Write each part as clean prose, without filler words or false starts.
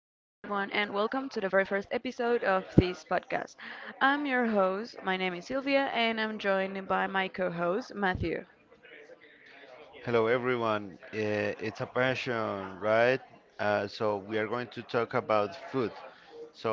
and welcome to the very first episode of this podcast. I'm your host, my name is Sylvia, and I'm joined by my co host, Matthew. Hello, everyone. It's a passion, right? We are going to talk about food. So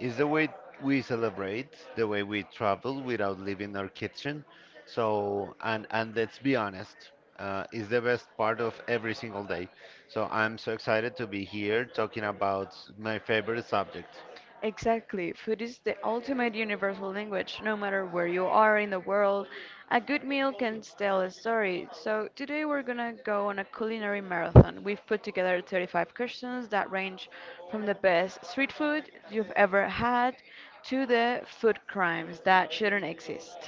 it's the way we celebrate, the way we travel without leaving our kitchen. So, and let's be honest, it's the best part of every single day. So I'm so excited to be here talking about my favorite subject. Exactly, food is the ultimate universal language, no matter where you are in the world. A good meal can tell a story. So, today we're gonna go on a culinary marathon. We've put together 35 questions that range from the best street food you've ever had to the food crimes that shouldn't exist.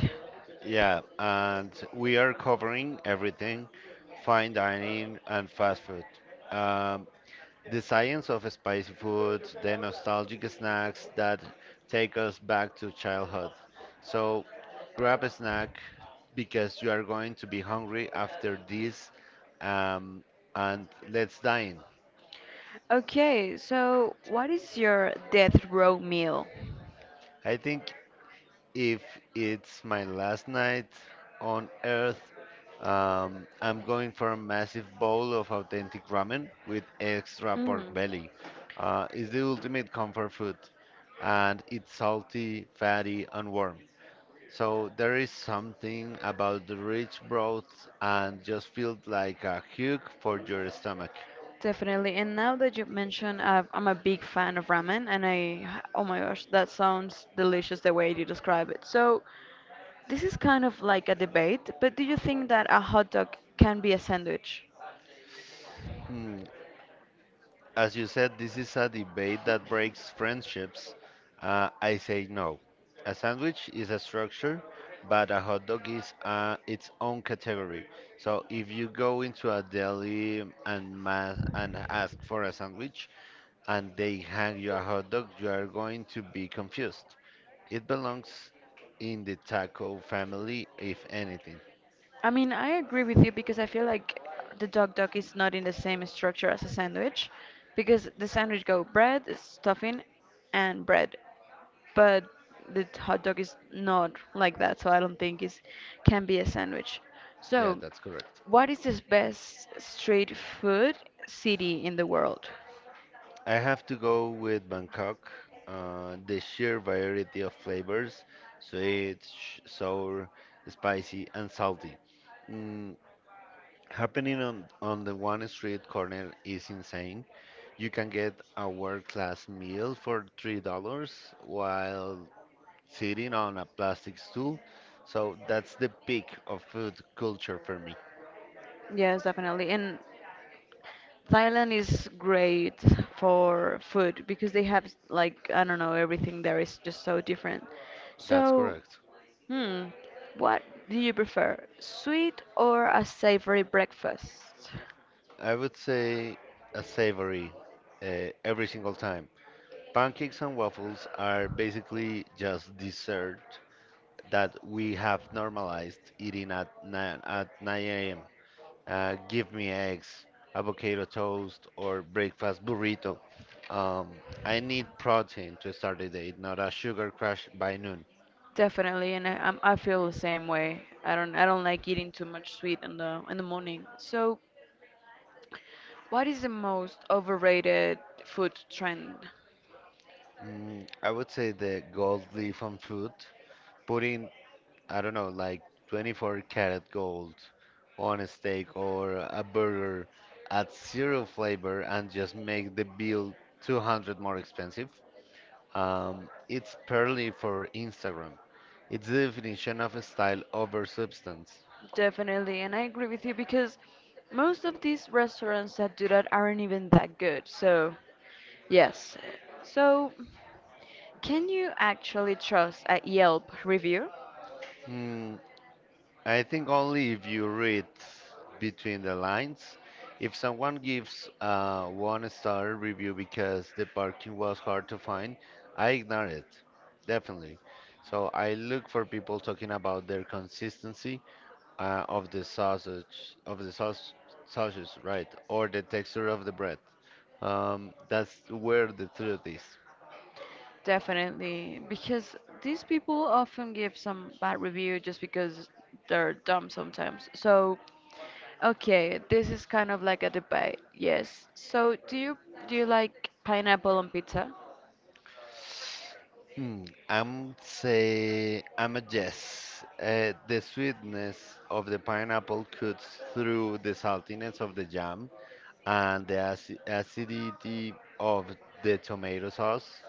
Yeah, and we are covering everything, fine dining and fast food. Um, The science of spicy food, the nostalgic snacks that take us back to childhood. So grab a snack because you are going to be hungry after this um, and let's dine. Okay, so what is your death row meal? I think if it's my last night on Earth, I'm going for a massive bowl of authentic ramen with extra pork Mm, belly. It's the ultimate comfort food, and it's salty, fatty, and warm. So there is something about the rich broth and just feels like a hug for your stomach. definitely. And now that you mentioned, I'm a big fan of ramen, and I, oh my gosh, that sounds delicious the way you describe it. So, this is kind of like a debate, but do you think that a hot dog can be a sandwich? Hmm, as you said, this is a debate that breaks friendships. I say no. A sandwich is a structure, but a hot dog is its own category. So if you go into a deli and and ask for a sandwich and they hand you a hot dog, you are going to be confused. It belongs in the taco family, if anything. I mean, I agree with you because I feel like the dog is not in the same structure as a sandwich because the sandwich go bread, stuffing, and bread. But the hot dog is not like that, so I don't think it can be a sandwich. Yeah, So, that's correct. what is the best street food city in the world? I have to go with Bangkok. The sheer variety of flavors, sweet, sour, spicy, and salty. Mm, happening on the one street corner is insane. You can get a world-class meal for $3 while sitting on a plastic stool. So that's the peak of food culture for me. Yes, definitely. And Thailand is great for food because they have like I don't know everything there is just so different. That's So, correct. hmm, what do you prefer, sweet or a savory breakfast? I would say a savory every single time. Pancakes and waffles are basically just dessert that we have normalized eating at 9 a.m. Give me eggs, avocado toast, or breakfast burrito. Um, I need protein to start the day, not a sugar crash by noon. Definitely, and I feel the same way. I don't like eating too much sweet in the morning. So, what is the most overrated food trend? Mm, I would say the gold leaf on food. Putting, I don't know, like 24 karat gold on a steak or a burger at zero flavor and just make the bill 200 more expensive. It's purely for Instagram. It's the definition of style over substance. Definitely, and I agree with you because most of these restaurants that do that aren't even that good. So, yes. So, can you actually trust a Yelp review? Hmm, I think only if you read between the lines. If someone gives a one star review because the parking was hard to find, I ignore it. Definitely. So I look for people talking about their consistency of the sausage, of the sausage, right, or the texture of the bread. That's where the truth is. Definitely, because these people often give some bad review just because they're dumb sometimes. So, okay, this is kind of like a debate. Yes. So, do you like pineapple on pizza? Hmm, I'm a yes. The sweetness of the pineapple cuts through the saltiness of the jam and the acidity of the tomato sauce.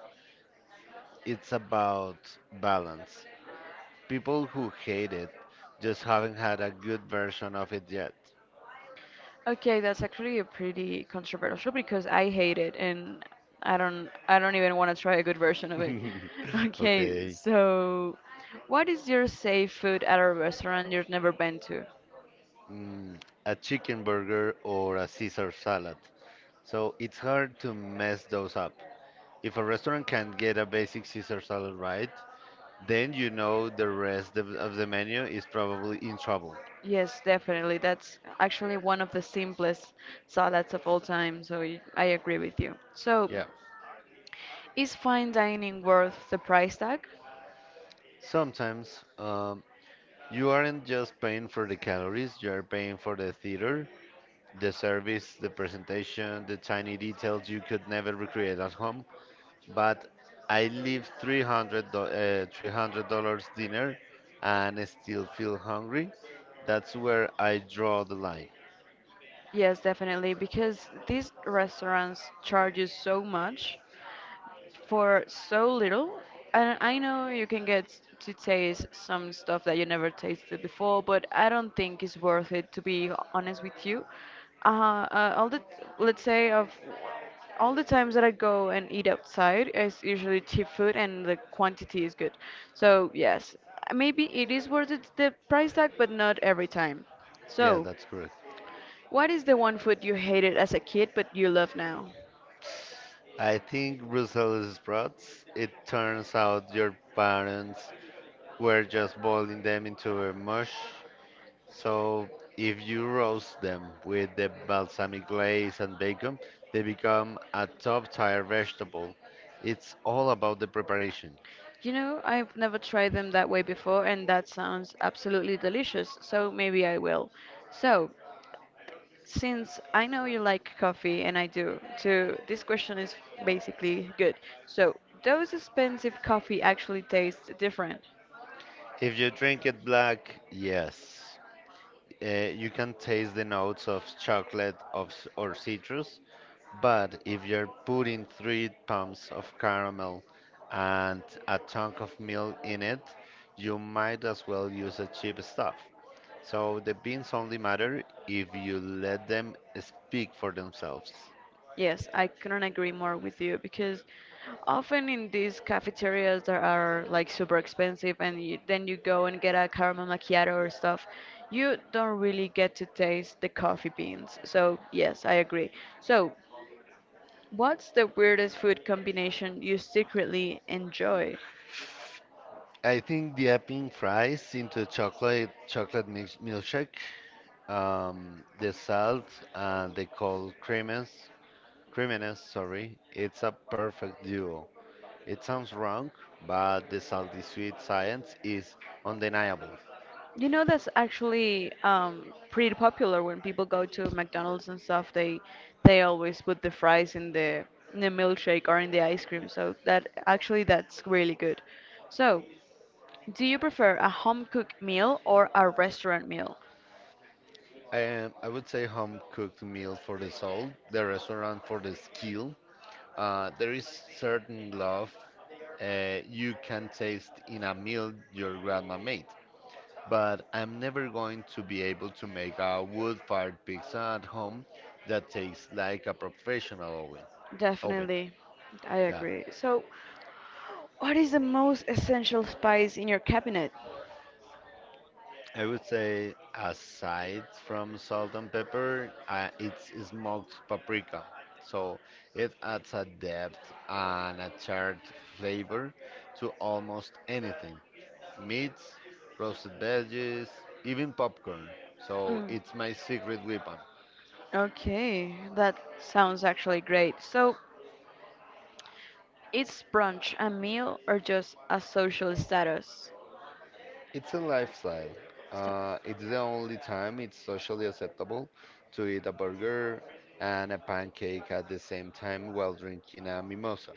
It's about balance. People who hate it just haven't had a good version of it yet. Okay, that's actually a pretty controversial because I hate it and I don't even want to try a good version of it. Okay, Okay. so what is your safe food at a restaurant you've never been to? Mm, a chicken burger or a Caesar salad. So it's hard to mess those up. If a restaurant can get a basic Caesar salad right, then you know the rest of the menu is probably in trouble. Yes, definitely. That's actually one of the simplest salads of all time, so I agree with you. So, Yeah. is fine dining worth the price tag? Sometimes you aren't just paying for the calories, you are paying for the theater, the service, the presentation, the tiny details you could never recreate at home. But I leave $300 dinner and I still feel hungry. That's where I draw the line. Yes, definitely, because these restaurants charge you so much for so little. And I know you can get to taste some stuff that you never tasted before, but I don't think it's worth it to be honest with you. All the let's say of all the times that I go and eat outside it's usually cheap food and the quantity is good. So yes, maybe it is worth it, the price tag, but not every time. Yeah, So, that's correct. what is the one food you hated as a kid but you love now? I think Brussels sprouts. It turns out your parents were just boiling them into a mush. So if you roast them with the balsamic glaze and bacon, they become a top-tier vegetable. It's all about the preparation. You know, I've never tried them that way before, and that sounds absolutely delicious, so maybe I will. So, since I know you like coffee, and I do too, this question is basically good. So, does expensive coffee actually taste different? If you drink it black, yes, you can taste the notes of chocolate or citrus. But if you're putting three pumps of caramel and a chunk of milk in it, you might as well use a cheap stuff. So the beans only matter if you let them speak for themselves. Yes, I couldn't agree more with you because often in these cafeterias that are like super expensive and you, then you go and get a caramel macchiato or stuff, you don't really get to taste the coffee beans. So, yes, I agree. So, what's the weirdest food combination you secretly enjoy? I think dipping fries into chocolate mix, milkshake, the salt and the cold creaminess, creaminess, sorry, it's a perfect duo. It sounds wrong, but the salty sweet science is undeniable. You know, that's actually pretty popular when people go to McDonald's and stuff. They always put the fries in the milkshake or in the ice cream. So that actually that's really good. So, do you prefer a home cooked meal or a restaurant meal? I would say home cooked meal for the soul, the restaurant for the skill. There is certain love you can taste in a meal your grandma made. But I'm never going to be able to make a wood-fired pizza at home that tastes like a professional oven. Oven, Definitely, I yeah. agree. So, what is the most essential spice in your cabinet? I would say, aside from salt and pepper, it's smoked paprika. So it adds a depth and a charred flavor to almost anything: meats, roasted veggies, even popcorn. So Mm, it's my secret weapon. okay, that sounds actually great. So, is brunch a meal or just a social status? It's a lifestyle. Sta- It's the only time it's socially acceptable to eat a burger and a pancake at the same time while drinking a mimosa.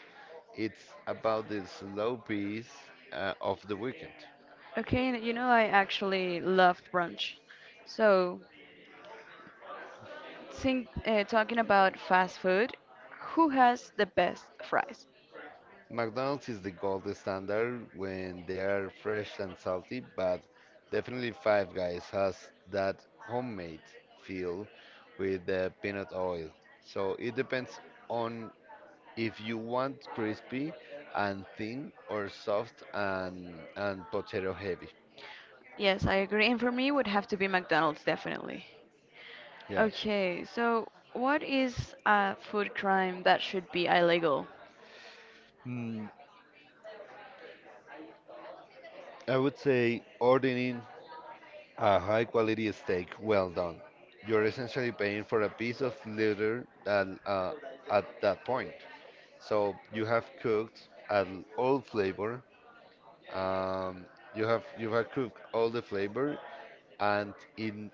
It's about the slow pace of the weekend. Okay, and you know I actually love brunch. So, think, talking about fast food, who has the best fries? McDonald's is the gold standard when they are fresh and salty, but definitely Five Guys has that homemade feel with the peanut oil. So it depends on if you want crispy and thin or soft and potato heavy. Yes, I agree. And for me, would have to be McDonald's definitely. Yeah. Okay, so what is a food crime that should be illegal? Mm, I would say ordering a high quality steak, well done. You're essentially paying for a piece of liver that at that point. So you have cooked an old flavor. Um, you have you have cooked all the flavor and in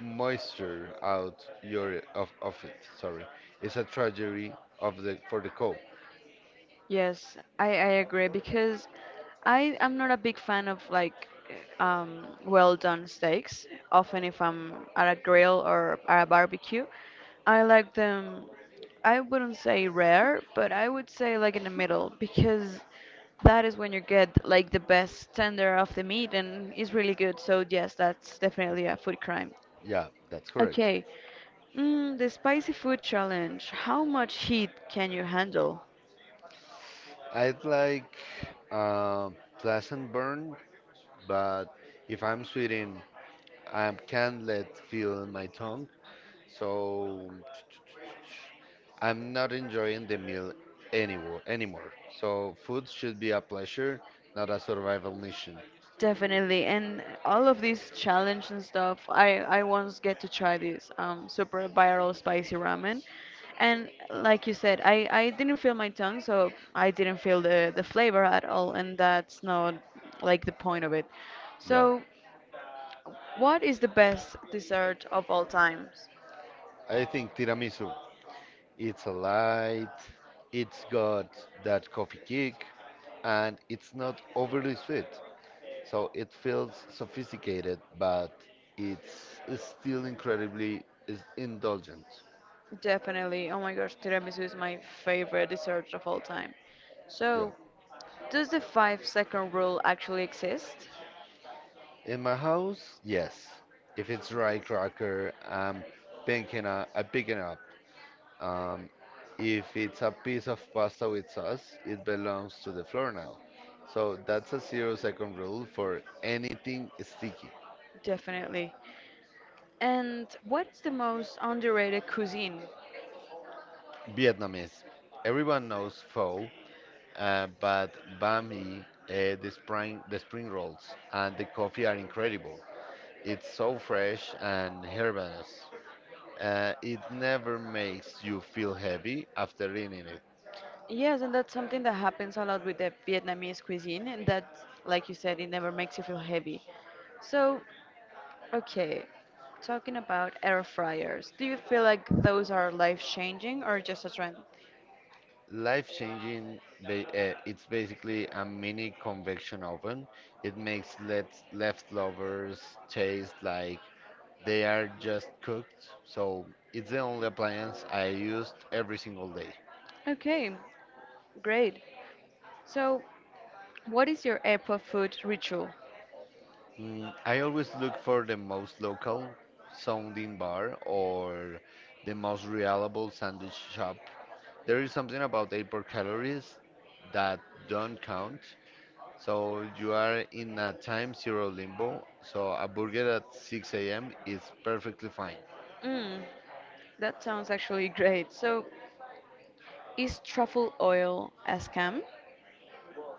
moisture out your of it. Sorry, it's a tragedy of the for the cow. Yes, I agree because I am not a big fan of like well done steaks. Often, if I'm at a grill or at a barbecue, I like them. I wouldn't say rare, but I would say like in the middle because that is when you get like the best tender of the meat and it's really good. So yes, that's definitely a food crime. Yeah, that's correct. Okay, mm, the spicy food challenge. How much heat can you handle? I'd like pleasant burn, but if I'm sweating. I can't let feel my tongue, so I'm not enjoying the meal anymore. So food should be a pleasure, not a survival mission. Definitely, and all of these challenge and stuff. I once get to try this super viral spicy ramen, and like you said, I didn't feel my tongue, so I didn't feel the flavor at all, and that's not like the point of it. Yeah, So, what is the best dessert of all times? I think tiramisu. It's a light. It's got that coffee kick, and it's not overly sweet. So it feels sophisticated, but it's still incredibly is indulgent. Definitely. Oh my gosh, tiramisu is my favorite dessert of all time. Yeah. So, does the 5-second rule actually exist? In my house, yes. If it's rye cracker, I pick it up. Um, if it's a piece of pasta with sauce, it belongs to the floor now. So that's a zero-second rule for anything sticky. Definitely. And what is the most underrated cuisine? Vietnamese. Everyone knows pho, but banh mi, the spring rolls, and the coffee are incredible. It's so fresh and herbaceous. It never makes you feel heavy after eating it. Yes, and that's something that happens a lot with the Vietnamese cuisine, and that, like you said, it never makes you feel heavy. So, okay, talking about air fryers, do you feel like those are life-changing or just a trend? Life changing, it's basically a mini convection oven. It makes let leftovers taste like they are just cooked. So it's the only appliance I used every single day. Okay, great. So, what is your airport food ritual? Mm, I always look for the most local sounding bar or the most reliable sandwich shop. There is something about airport calories that don't count. So you are in a time zero limbo. So a burger at 6 a.m. is perfectly fine. Mm, that sounds actually great. So, is truffle oil a scam?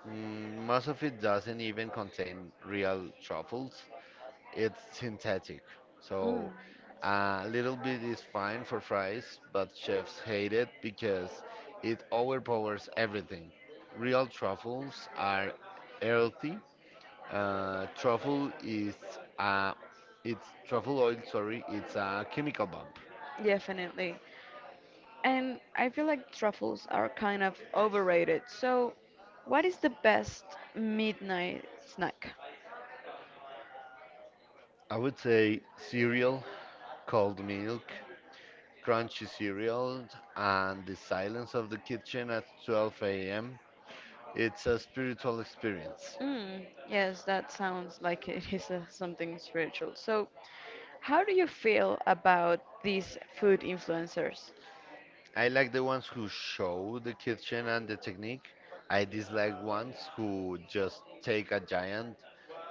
Mm, most of it doesn't even contain real truffles. It's synthetic. Mm, So a little bit is fine for fries, but chefs hate it because it overpowers everything. Real truffles are earthy. Uh, truffle is a Truffle oil, sorry, it's a chemical bomb. definitely. And I feel like truffles are kind of overrated. So, what is the best midnight snack? I would say cereal, cold milk, crunchy cereal, and the silence of the kitchen at 12 a.m. It's a spiritual experience. Mm, yes, that sounds like it is something spiritual. So, how do you feel about these food influencers? I like the ones who show the kitchen and the technique. I dislike ones who just take a giant,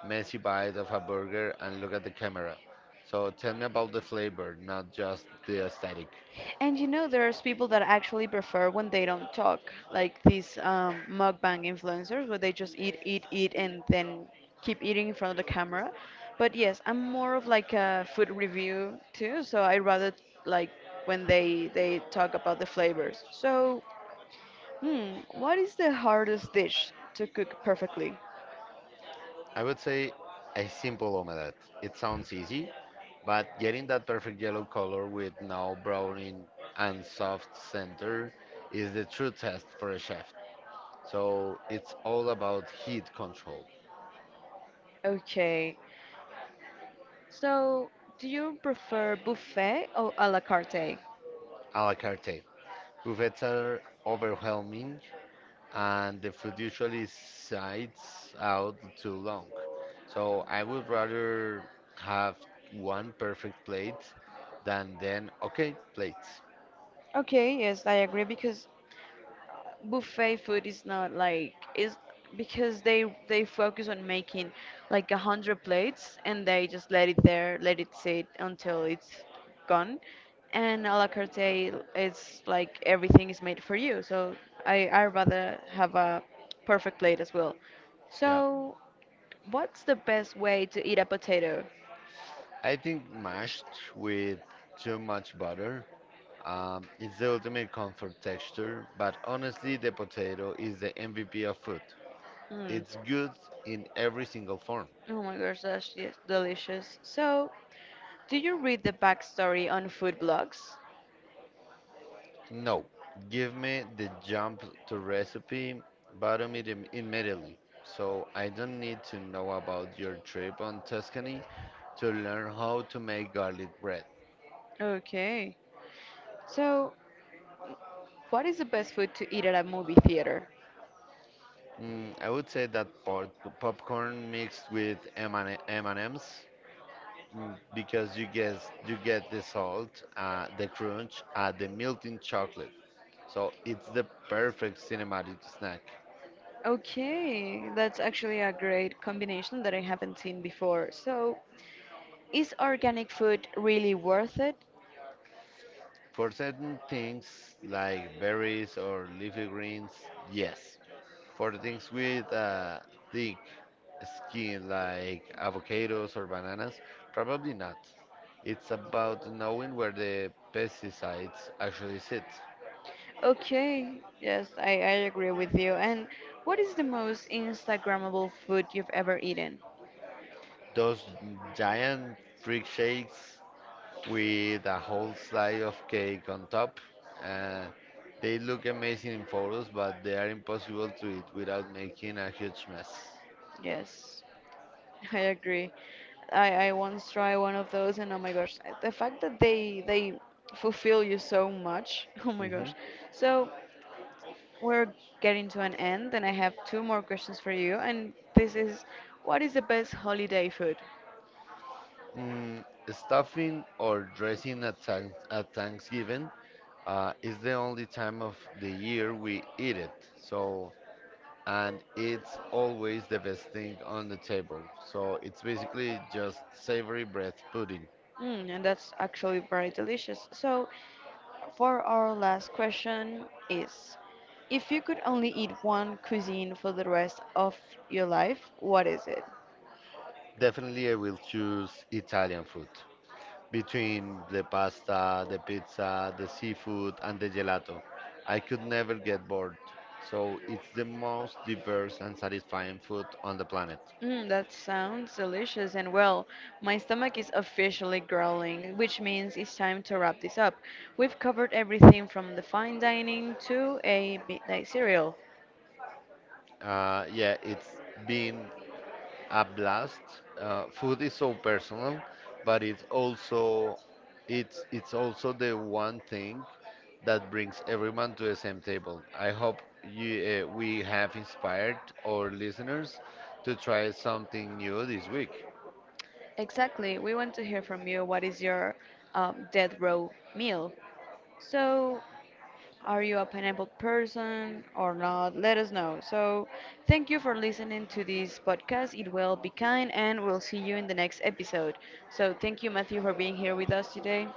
messy bite of a burger and look at the camera. So tell me about the flavor, not just the aesthetic. And you know, there's people that actually prefer when they don't talk, like these mukbang influencers, where they just eat, eat, eat, and then keep eating in front of the camera. But yes, I'm more of like a food review too, so I rather like when they talk about the flavors. So, hmm, what is the hardest dish to cook perfectly? I would say a simple omelette. It sounds easy, but getting that perfect yellow color with no browning and soft center is the true test for a chef. So it's all about heat control. Okay, so do you prefer buffet or a la carte? A la carte. Buffets are overwhelming and the food usually sides out too long. So I would rather have one perfect plate than then okay plates. Okay, yes, I agree because buffet food is not like is because they focus on making like 100 plates and they just let it there, let it sit until it's gone. And a la carte is like everything is made for you. So I rather have a perfect plate as well. So Yeah. what's the best way to eat a potato? I think mashed with too much butter. It's the ultimate comfort texture, but honestly, the potato is the MVP of food. Mm. It's good in every single form. Oh my gosh, that's yes, delicious. So, do you read the backstory on food blogs? No, give me the jump to recipe, bottom it immediately. So I don't need to know about your trip on Tuscany to learn how to make garlic bread. Okay. So, what is the best food to eat at a movie theater? Mm, I would say that popcorn mixed with M&Ms. Mm, because you get the salt, the crunch, the melting chocolate. So it's the perfect cinematic snack. Okay, that's actually a great combination that I haven't seen before. So, is organic food really worth it? For certain things like berries or leafy greens, yes. For things with thick skin like avocados or bananas, probably not. It's about knowing where the pesticides actually sit. Okay, yes, I agree with you. And what is the most Instagrammable food you've ever eaten? Those giant freak shakes with a whole slice of cake on top. Uh, they look amazing in photos, but they are impossible to eat without making a huge mess. Yes, I agree. I once tried one of those, and oh my gosh, the fact that they fulfill you so much, oh my Hmm. gosh. So, we're getting to an end, and I have two more questions for you. And this is, what is the best holiday food? Mm, stuffing or dressing at Thanksgiving is the only time of the year we eat it. So, and it's always the best thing on the table. So it's basically just savory bread pudding. Mm, and that's actually very delicious. So, for our last question is, if you could only eat one cuisine for the rest of your life, what is it? Definitely, I will choose Italian food, between the pasta, the pizza, the seafood, and the gelato. I could never get bored. So it's the most diverse and satisfying food on the planet. Mm, that sounds delicious, and well, my stomach is officially growling, which means it's time to wrap this up. We've covered everything from the fine dining to a midnight cereal. Yeah, it's been a blast. Food is so personal, but it's also the one thing that brings everyone to the same table. I hope we have inspired our listeners to try something new this week. Exactly. We want to hear from you. What is your death row meal? So, are you a pineapple person or not? Let us know. So, thank you for listening to this podcast. It will be kind, and we'll see you in the next episode. So, thank you, Matthew, for being here with us today.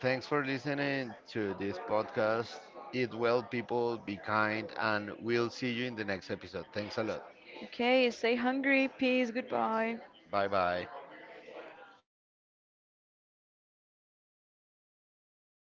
Thanks for listening to this podcast. Eat well, people, be kind, and we'll see you in the next episode. Thanks a lot. Okay, stay hungry. Peace. Goodbye. Bye bye.